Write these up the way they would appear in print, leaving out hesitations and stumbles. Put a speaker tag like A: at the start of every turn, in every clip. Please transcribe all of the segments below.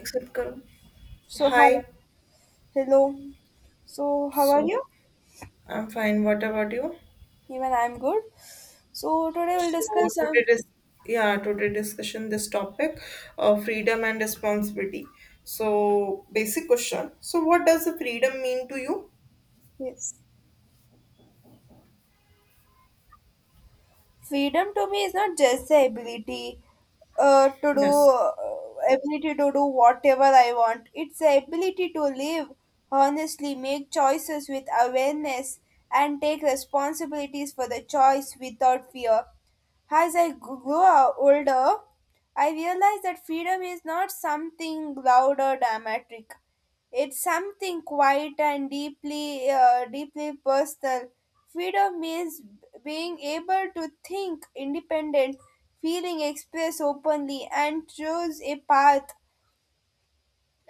A: Accept. Karo.
B: So hi,
A: Hi.
B: hello. So how are
A: So
B: you?
A: I'm fine. What about you?
B: Even I'm good. So today we'll
A: So
B: discuss some.
A: today dis yeah, today discussion this topic of freedom and responsibility. So basic question. So what does the freedom mean to you?
B: Yes. Freedom to me is not just the ability uh, to do
A: Yes.
B: uh, to do whatever I want. It's the ability to live honestly, make choices with awareness, and take responsibilities for the choice without fear. As I grow older, I realize that freedom is not something loud or dramatic. It's something quiet and deeply personal. Freedom means being able to think independent, feeling expressed openly, and choose a path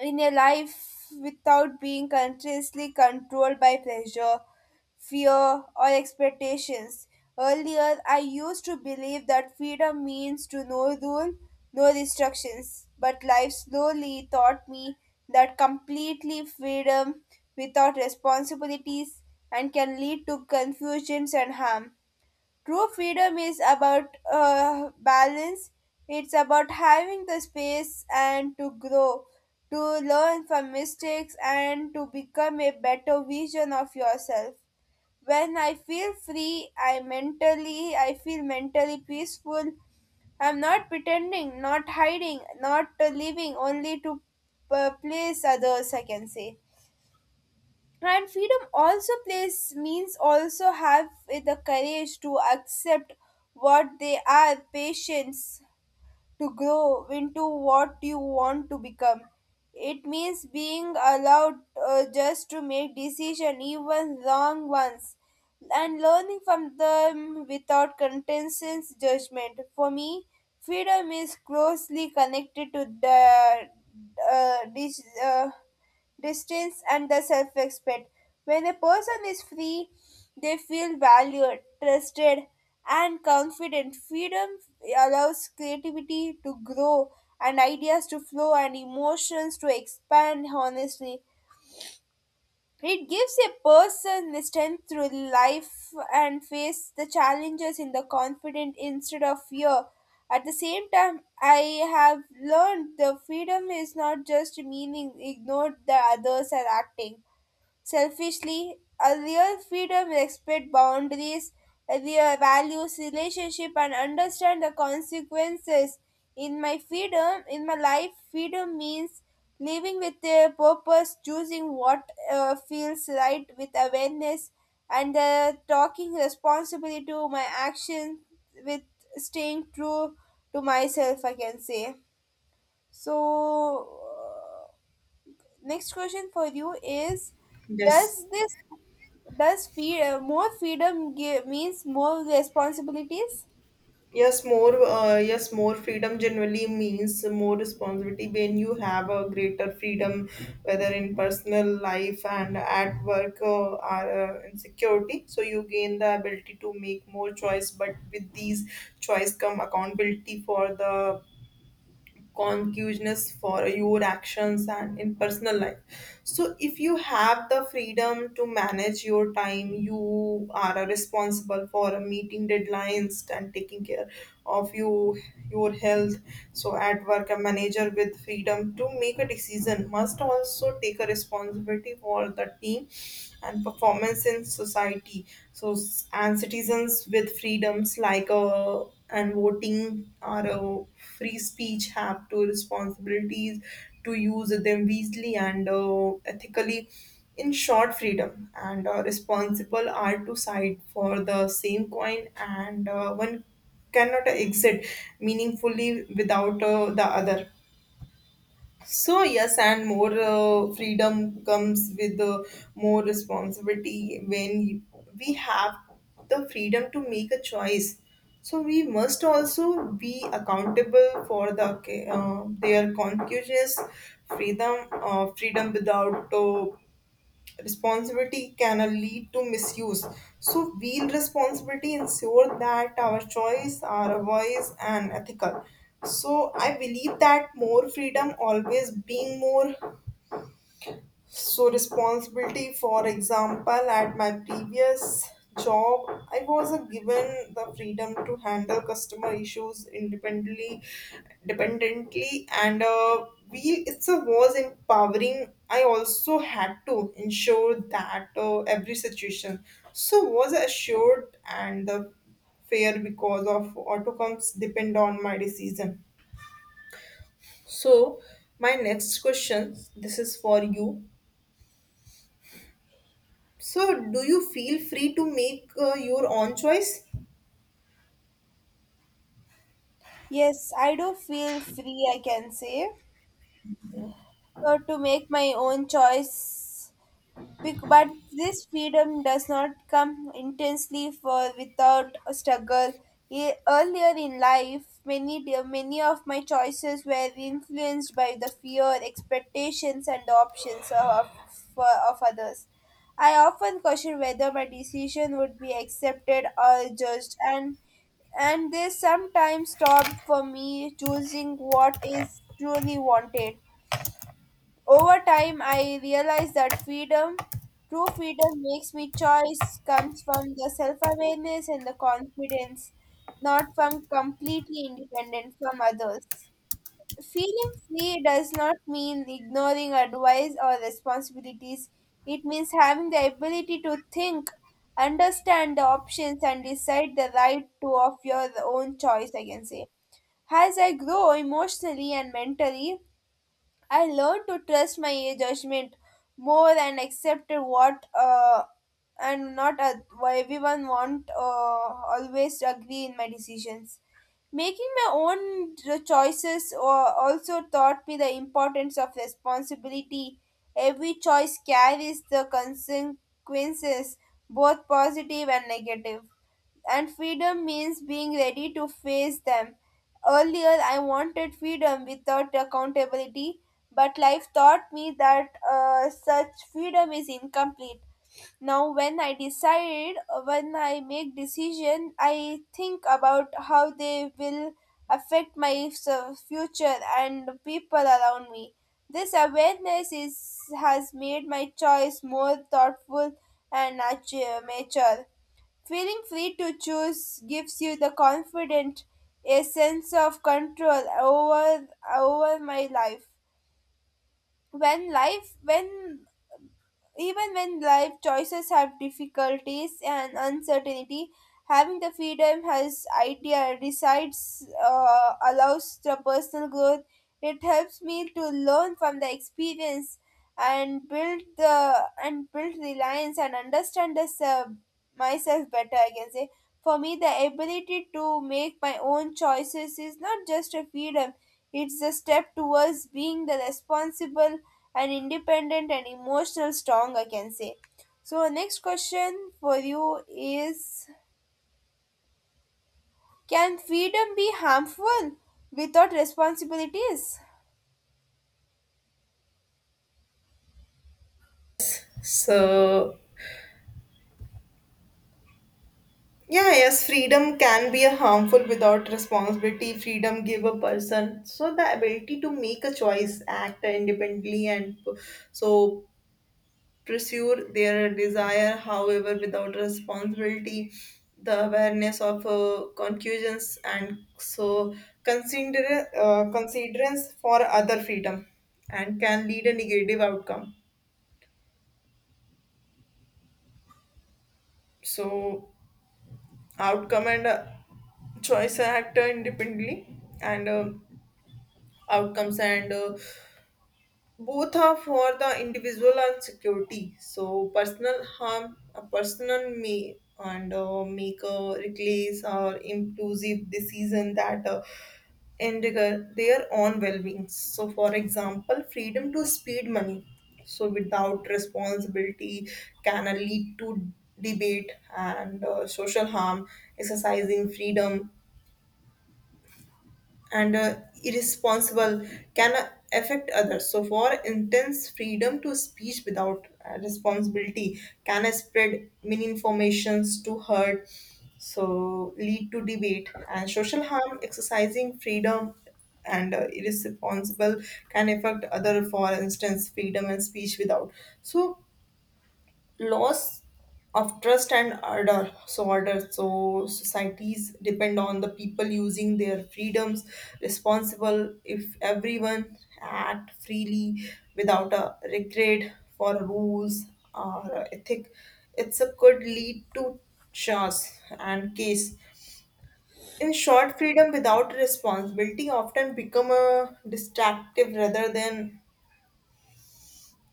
B: in a life without being continuously controlled by pressure, fear, or expectations. Earlier, I used to believe that freedom means to no rule, no restrictions, but life slowly taught me that completely freedom without responsibilities and can lead to confusions and harm. True freedom is about balance. It's about having the space and to grow, to learn from mistakes and to become a better version of yourself. When I feel free, I feel mentally peaceful. I'm not pretending, not hiding, not living only to please others, I can say. And freedom also plays means also have the courage to accept what they are, patience to grow into what you want to become. It means being allowed just to make decision, even wrong ones, and learning from them without contentious judgment. For me, freedom is closely connected to the uh, dis- uh, distance, and the self respect. When a person is free, they feel valued, trusted, and confident. Freedom allows creativity to grow and ideas to flow and emotions to expand honestly. It gives a person the strength through life and face the challenges in the confident instead of fear. At the same time, I have learned the freedom is not just meaning ignored the others are acting. Selfishly, a real freedom will respect boundaries, real values, relationship, and understand the consequences. In my freedom, in my life, freedom means living with a purpose, choosing what feels right with awareness, and talking responsibly to my actions with staying true to myself, I can say. So, next question for you is:
A: Yes.
B: Does this does feed more freedom give, means more responsibilities?
A: Yes, more freedom generally means more responsibility when you have a greater freedom, whether in personal life and at work or in security. So you gain the ability to make more choice, but with these choice come accountability for the consciousness for your actions. And in personal life, so if you have the freedom to manage your time, you are responsible for meeting deadlines and taking care of your health. So at work, a manager with freedom to make a decision must also take a responsibility for the team and performance in society. So and citizens with freedoms like and voting or free speech have to responsibilities to use them wisely and ethically. In short, freedom and responsible are two sides for the same coin, and one cannot exit meaningfully without the other. So yes, and more freedom comes with more responsibility when we have the freedom to make a choice. So we must also be accountable for the their conscious freedom without responsibility can lead to misuse. So we responsibility ensure that our choice, our voice and ethical. So I believe that more freedom always being more so responsibility. For example, at my previous job, I was given the freedom to handle customer issues independently dependently, and we it's a was empowering. I also had to ensure that every situation so was assured and the fair because of outcomes depend on my decision. So my next question, this is for you. So, do you feel free to make your own choice?
B: Yes, I do feel free, I can say, to make my own choice. But this freedom does not come intensely for without a struggle. Earlier in life, many of my choices were influenced by the fear, expectations, and options of others. I often question whether my decision would be accepted or judged, and this sometimes stopped for me choosing what is truly wanted. Over time, I realized that freedom, true freedom, makes me choice comes from the self awareness and the confidence, not from completely independent from others. Feeling free does not mean ignoring advice or responsibilities, it means having the ability to think, understand the options, and decide the right to of your own choice, I can say. As I grow emotionally and mentally, I learned to trust my judgment more and accepted what and not what everyone want always agree in my decisions. Making my own choices also taught me the importance of responsibility. Every choice carries the consequences, both positive and negative, and freedom means being ready to face them. Earlier, I wanted freedom without accountability, but life taught me that such freedom is incomplete. Now when I decide, when I make decision, I think about how they will affect my future and people around me. This awareness is has made my choice more thoughtful and mature. Feeling free to choose gives you the confident, a sense of control over my life. When life when even when life choices have difficulties and uncertainty, having the freedom has idea decides allows the personal growth. It helps me to learn from the experience and build reliance and understand this, myself better, I can say. For me, the ability to make my own choices is not just a freedom, it's a step towards being the responsible and independent and emotional strong, I can say. So, next question for you is: Can freedom be harmful without responsibilities?
A: So, yeah, yes, freedom can be a harmful without responsibility. Freedom give a person so the ability to make a choice, act independently, and so pursue their desire. However, without responsibility, the awareness of concussions and so considerance for other freedom and can lead a negative outcome. So outcome and choice and actor independently and outcomes and both are for the individual and security. So personal harm, a personal may and make a reckless or impulsive decision that endanger their own well-being. So for example freedom to speed money so without responsibility can lead to debate and social harm. Exercising freedom and irresponsible can affect others. So, for intense freedom to speech without responsibility can spread misinformations to hurt, so lead to debate and social harm. Exercising freedom and irresponsible can affect other. For instance, freedom and speech without so loss of trust and order so societies depend on the people using their freedoms responsible. If everyone act freely without a regret for rules or ethic, it's a could lead to chaos and case. In short, freedom without responsibility often become a distractive rather than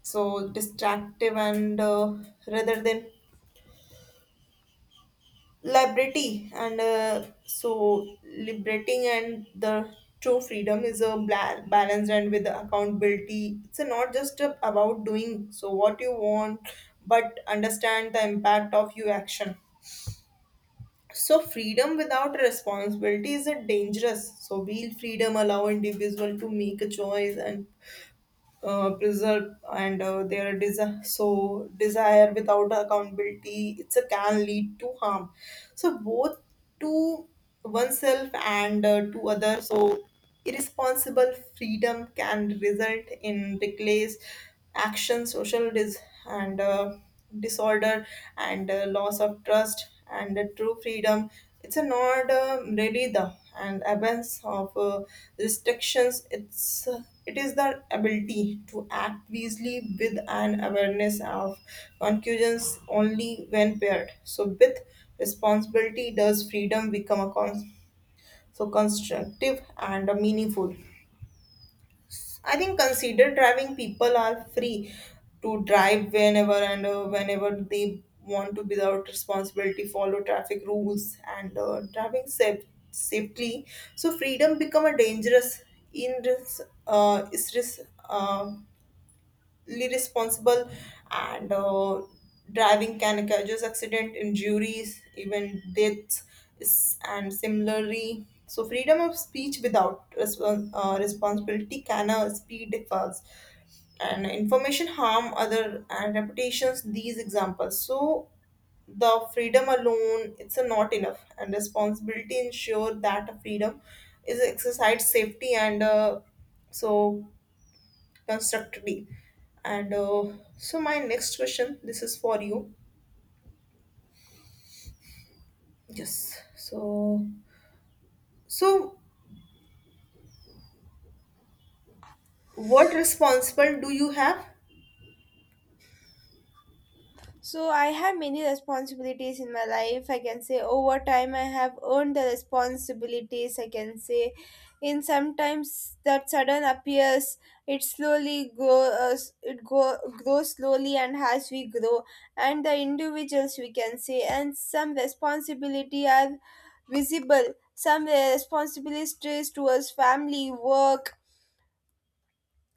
A: so distractive and rather than liberty and so liberating and the true freedom is a balance and with accountability. It's not just about doing so what you want, but understand the impact of your action. So freedom without responsibility is a dangerous. So will freedom allow individual to make a choice and preserve and their desire so desire without accountability, it's a can lead to harm, so both to oneself and to others. So irresponsible freedom can result in reckless action, social dis- and disorder, and loss of trust, and true freedom. It's a not really the and absence of restrictions. It is the ability to act wisely with an awareness of conclusions only when paired. So with responsibility does freedom become a so constructive and meaningful. I think consider driving. People are free to drive whenever they want to without responsibility, follow traffic rules and driving safely. So freedom become a dangerous in uh, responsible and driving can cause accident injuries even deaths. And similarly, so freedom of speech without responsibility can speed differs and information harm other and reputations. These examples so the freedom alone, it's a not enough, and responsibility ensure that freedom is exercised safety and so constructively. And so my next question, this is for you. Yes. So so what responsible do you have?
B: So I have many responsibilities in my life, I can say. Over time I have earned the responsibilities, I can say. In sometimes that sudden appears. It slowly grow. S- it go grows slowly, and as we grow, and the individuals we can say, and some responsibility are visible. Some responsibilities towards family, work,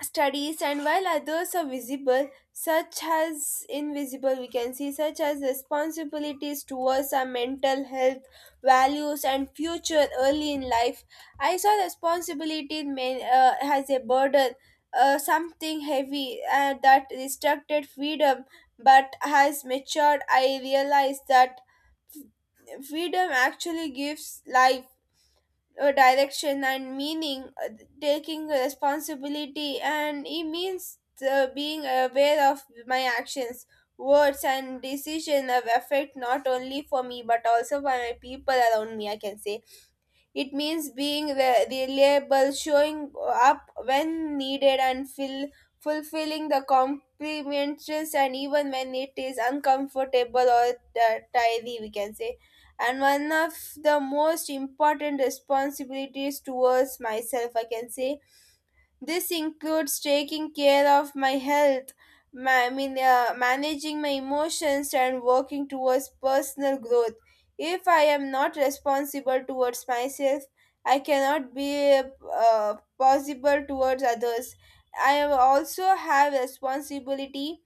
B: studies, and while others are visible such as invisible we can see, such as responsibilities towards our mental health, values, and future. Early in life, I saw responsibility in men, as a burden, something heavy, that restricted freedom, but has matured I realized that freedom actually gives life direction and meaning. Taking responsibility, and it means being aware of my actions, words, and decision have effect not only for me but also for my people around me, I can say. It means being reliable, showing up when needed, and fulfilling the complimentaries, and even when it is uncomfortable or tiring, we can say. And one of the most important responsibilities towards myself, I can say, this includes taking care of my health, I mean, managing my emotions, and working towards personal growth. If I am not responsible towards myself, I cannot be possible towards others. I am also have responsibility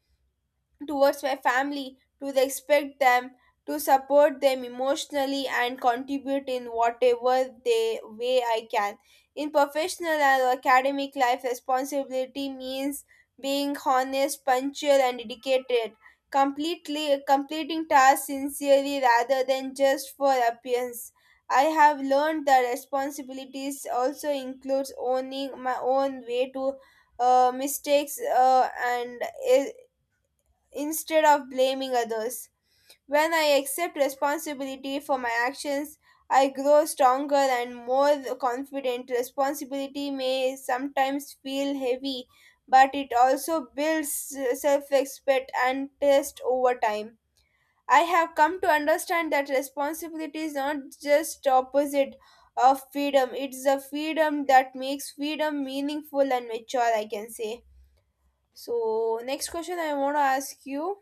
B: towards my family to expect them to support them emotionally and contribute in whatever way I can. In professional and academic life, responsibility means being honest, punctual, and dedicated, completely completing tasks sincerely rather than just for appearance. I have learned that responsibilities also includes owning my own way to mistakes, and instead of blaming others. When I accept responsibility for my actions, I grow stronger and more confident. Responsibility may sometimes feel heavy, but it also builds self respect and trust over time. I have come to understand that responsibility is not just opposite of freedom, it's the freedom that makes freedom meaningful and mature, I can say. So, next question I want to ask you.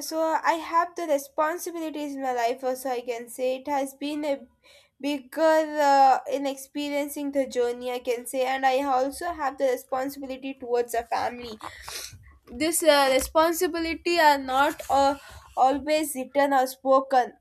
B: So I have the responsibilities in my life, also I can say it has been a bigger in experiencing the journey, I can say, and I also have the responsibility towards a family. This responsibility are not always written or spoken.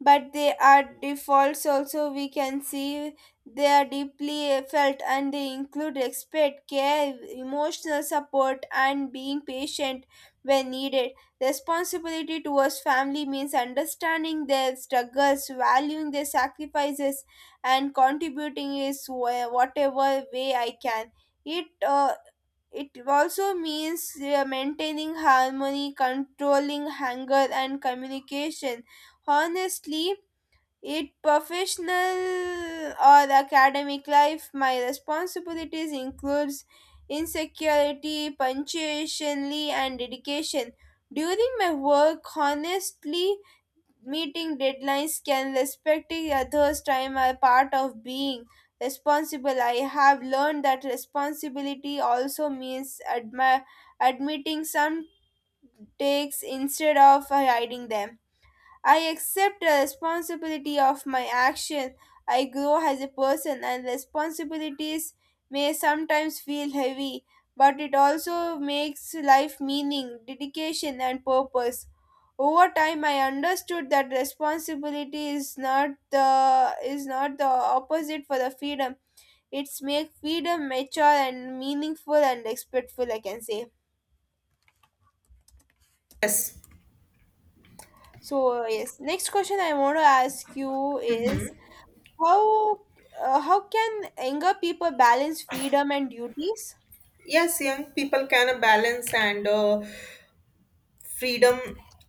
B: But they are defaults, also we can see they are deeply felt, and they include respect, care, emotional support, and being patient when needed. Responsibility towards family means understanding their struggles, valuing their sacrifices, and contributing is whatever way I can. It uh, it also means maintaining harmony, controlling anger, and communication honestly. It professional or academic life, my responsibilities includes insecurity, punctuationly, and dedication. During my work, honestly, meeting deadlines can respecting others' time are part of being responsible. I have learned that responsibility also means admitting some takes instead of hiding them. I accept the responsibility of my action. I grow as a person, and responsibilities may sometimes feel heavy, but it also makes life meaning, dedication, and purpose. Over time, I understood that responsibility is not the opposite for the freedom. It's make freedom mature and meaningful and respectful, I can say.
A: Yes.
B: So yes, next question I want to ask you is: How how can younger people balance freedom and duties?
A: Yes, young people can balance and freedom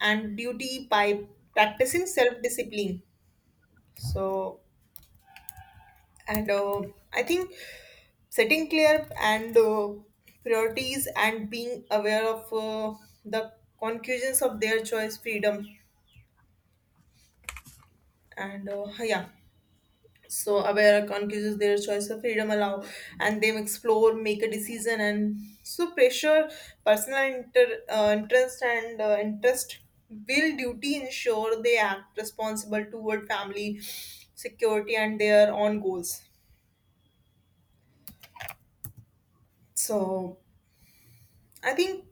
A: and duty by practicing self-discipline. So and I think setting clear and priorities and being aware of the conclusions of their choice freedom and yeah. So aware confuses their choice of freedom allow and they explore, make a decision and so pressure, personal interest will duty ensure they act responsible toward family security and their own goals. So I think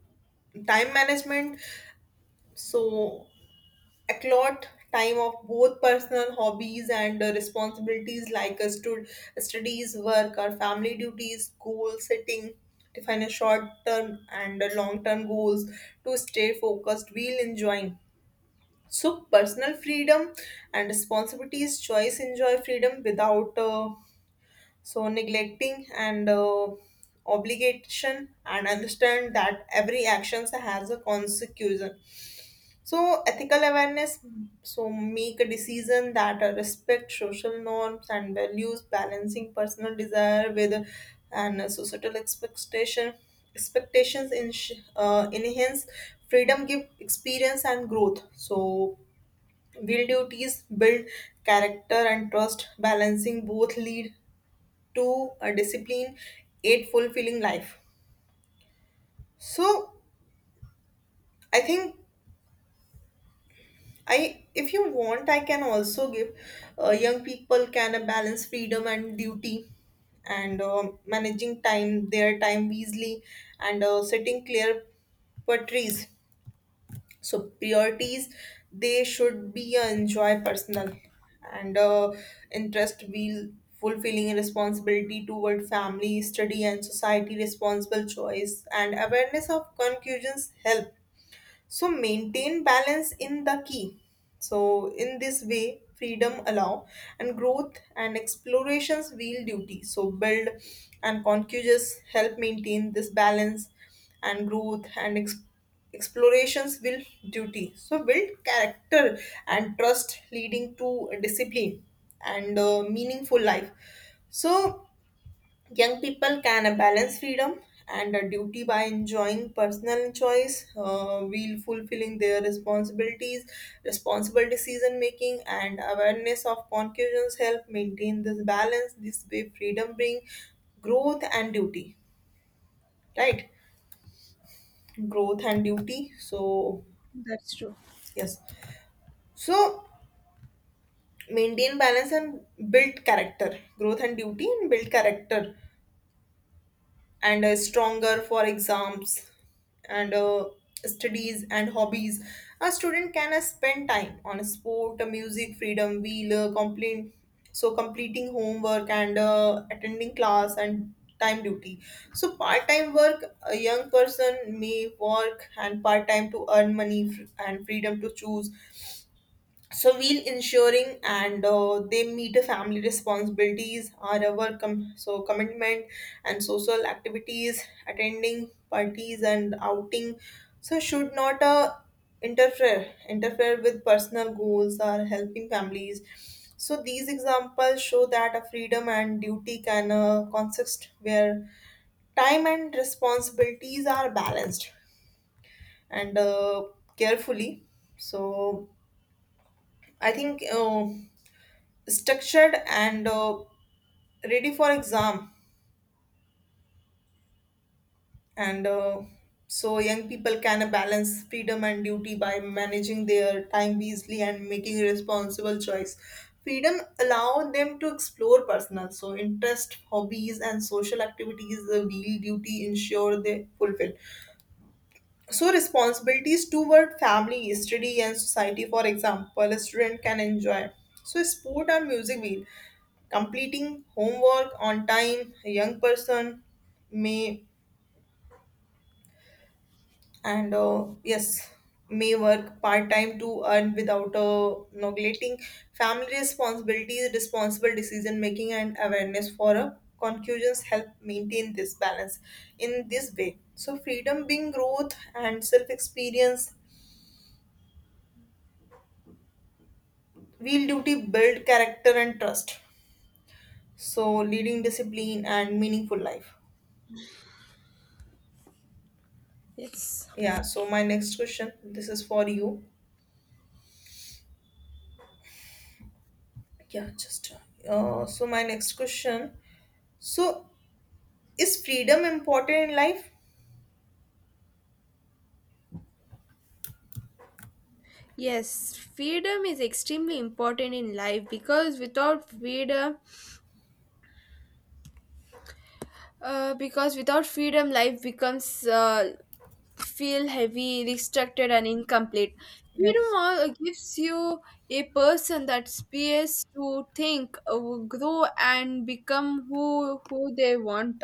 A: time management. So Accord time of both personal hobbies and responsibilities like studies, work, or family duties, goal setting, define a short term and long term goals to stay focused while enjoying. So, personal freedom and responsibilities, choice, enjoy freedom without so neglecting and obligation, and understand that every action has a consequence. So ethical awareness, so make a decision that respect social norms and values, balancing personal desire with and societal expectations in enhance freedom, give experience and growth. So will duties build character and trust, balancing both lead to a discipline, aid fulfilling life. So I think I, if you want, I can also give young people can balance freedom and duty, and managing time, their time wisely, and setting clear priorities. So they should be enjoy personal, and interest will fulfilling responsibility toward family, study, and society. Responsible choice and awareness of conclusions help so maintain balance in the key. So in this way freedom allow and growth and explorations wheel duty so build and conscious help maintain this balance and growth and explorations will duty so build character and trust leading to discipline and meaningful life. So young people can balance freedom and duty by enjoying personal choice, while fulfilling their responsible decision making, and awareness of conclusions help maintain this balance. This way, freedom bring growth and duty, right? Growth and duty. So,
B: That's true.
A: yes. So, maintain balance and build character. Growth and duty and build character and stronger for exams and studies and hobbies. A student can spend time on sport, music, freedom, wheel, so completing homework and attending class and time duty. So part-time work, a young person may work and part-time to earn money and freedom to choose so while ensuring and they meet a family responsibilities or our so commitment and social activities attending parties and outing so should not interfere with personal goals or helping families. So these examples show that a freedom and duty can consist where time and responsibilities are balanced and carefully. So I think structured and ready for exam and so young people can balance freedom and duty by managing their time wisely and making responsible choice. Freedom allow them to explore personal so interest hobbies and social activities. The real duty ensure they fulfill so responsibilities toward family study and society. For example, a student can enjoy so sport and music completing homework on time. A young person may and yes may work part-time to earn without neglecting family responsibilities. Responsible decision making and awareness for a conclusions help maintain this balance. In this way so freedom being growth and self-experience. Real duty build character and trust so leading discipline and meaningful life.
B: Yes.
A: Yeah so my next question, this is for you. Yeah, just so my next question. So is freedom important in life?
B: Yes, freedom is extremely important in life because without freedom, life becomes feel heavy, restricted, and incomplete. Freedom
A: Yes.
B: all gives you a person that space to think, grow, and become who they want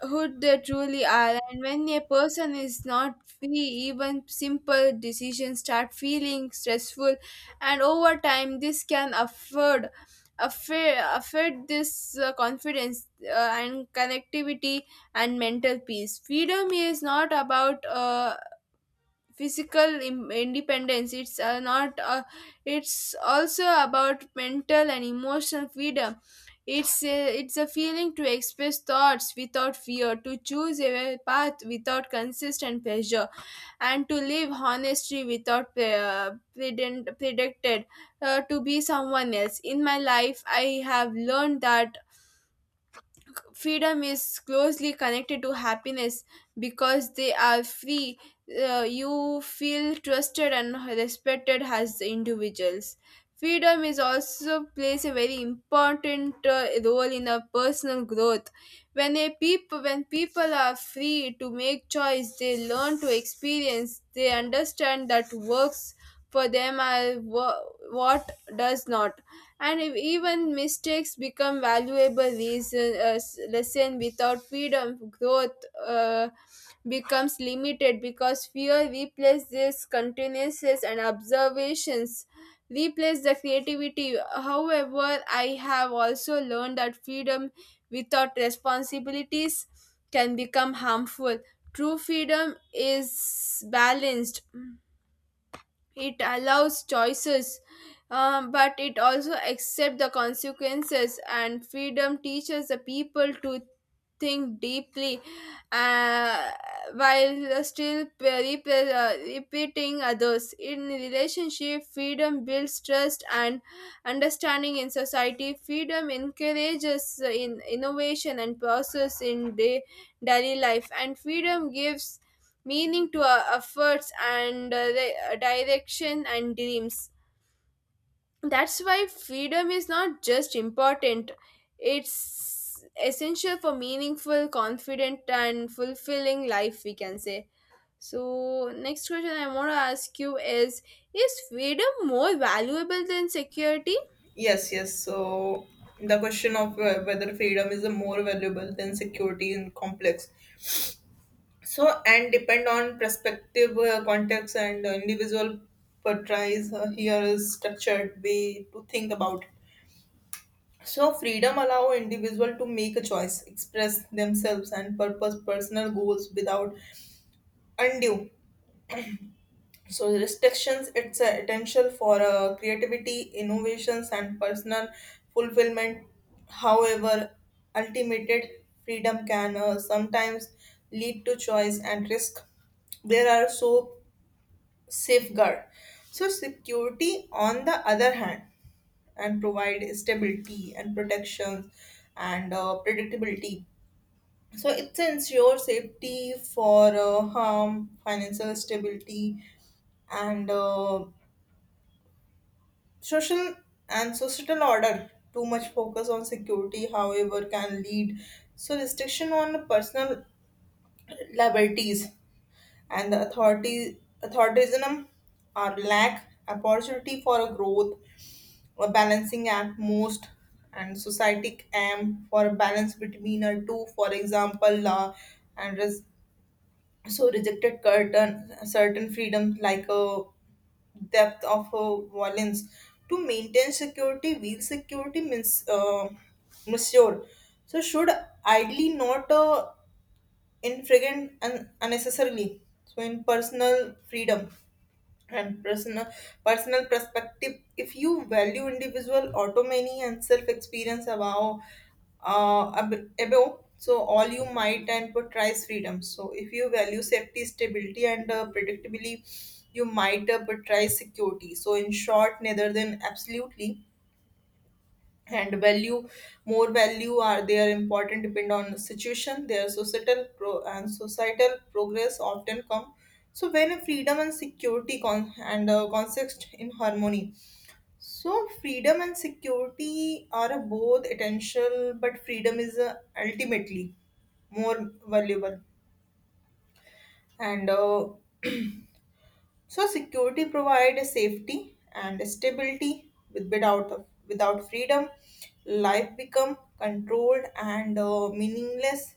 B: who they truly are. And when a person is not free, even simple decisions start feeling stressful, and over time this can affect this confidence and connectivity and mental peace. Freedom is not about physical independence, it's not, it's also about mental and emotional freedom. It's a feeling to express thoughts without fear, to choose a path without consistent pressure, and to live honestly without predicted, to be someone else. In my life I have learned that freedom is closely connected to happiness because they are free, you feel trusted and respected as individuals. Freedom is also plays a very important role in a personal growth. When a people when people are free to make choice, they learn to experience, they understand that works for them are what does not, and if even mistakes become valuable reason lesson. Without freedom, growth becomes limited because fear replaces continuances and observations replace the creativity. However, I have also learned that freedom without responsibilities can become harmful. True freedom is balanced, it allows choices, but it also accepts the consequences, and freedom teaches the people to think deeply uh, while still repeating others. In relationship, freedom builds trust and understanding in society. Freedom encourages in innovation and process in daily life, and freedom gives meaning to our efforts and the direction and dreams. That's why freedom is not just important, it's essential for meaningful, confident, and fulfilling life, we can say. So, next question I want to ask you is: Is freedom more valuable than security?
A: Yes, yes. So the question of whether freedom is a more valuable than security in complex. So and depend on perspective, context, and individual portrays here is structured way to think about it. So freedom allow individual to make a choice, express themselves and purpose personal goals without undue so restrictions. It's essential for creativity innovations and personal fulfillment. However, ultimate freedom can sometimes lead to choice and risk. There are so safeguard. So security on the other hand and provide stability and protection and predictability. So it ensures safety for harm, financial stability, and social and societal order. Too much focus on security, however, can lead so restriction on personal liberties and the authority authoritarianism or lack opportunity for a growth or balancing act. Most and societic aim for a balance between our two. For example, law and so rejected certain freedoms like a depth of violence to maintain security. Real security means monsieur so should ideally not in and unnecessarily so in personal freedom and personal perspective. If you value individual autonomy and self experience above so all, you might and price freedom. So if you value safety stability and predictability, you might price security. So in short neither than absolutely and value more value are they are important depend on the situation. Their societal and societal progress often come so when freedom and security and context in harmony. So freedom and security are both essential, but freedom is ultimately more valuable and So security provides safety and stability. Without freedom, life become controlled and meaningless.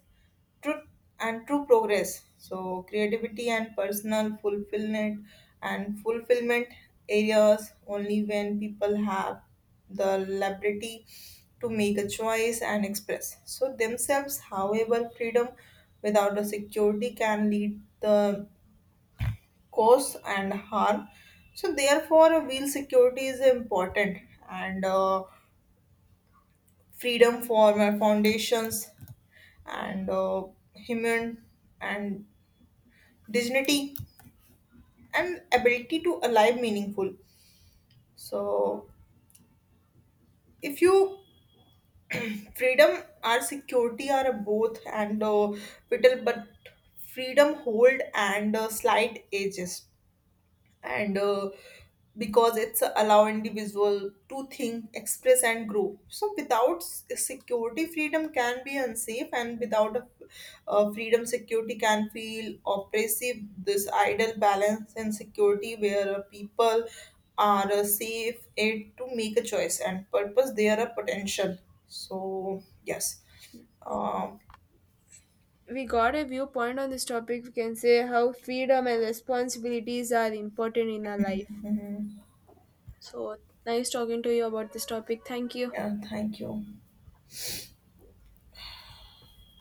A: Truth and true progress. So creativity and personal fulfillment areas only when people have the liberty to make a choice and express so themselves. However, freedom without the security can lead the cause and harm. So therefore, wheel security is important and freedom for my foundations and human and dignity and ability to alive meaningful. So if you freedom or security are both and vital, but freedom hold and slight edges and because it's allow individual to think express and grow. So without security freedom can be unsafe and without a, freedom security can feel oppressive. This ideal balance and security where people are safe aid to make a choice and purpose they are a potential. So yes, um,
B: We got a viewpoint on this topic. We can say how freedom and responsibilities are important in our life.
A: mhm.
B: So, nice talking to you about this topic. Thank you.
A: Yeah, thank you.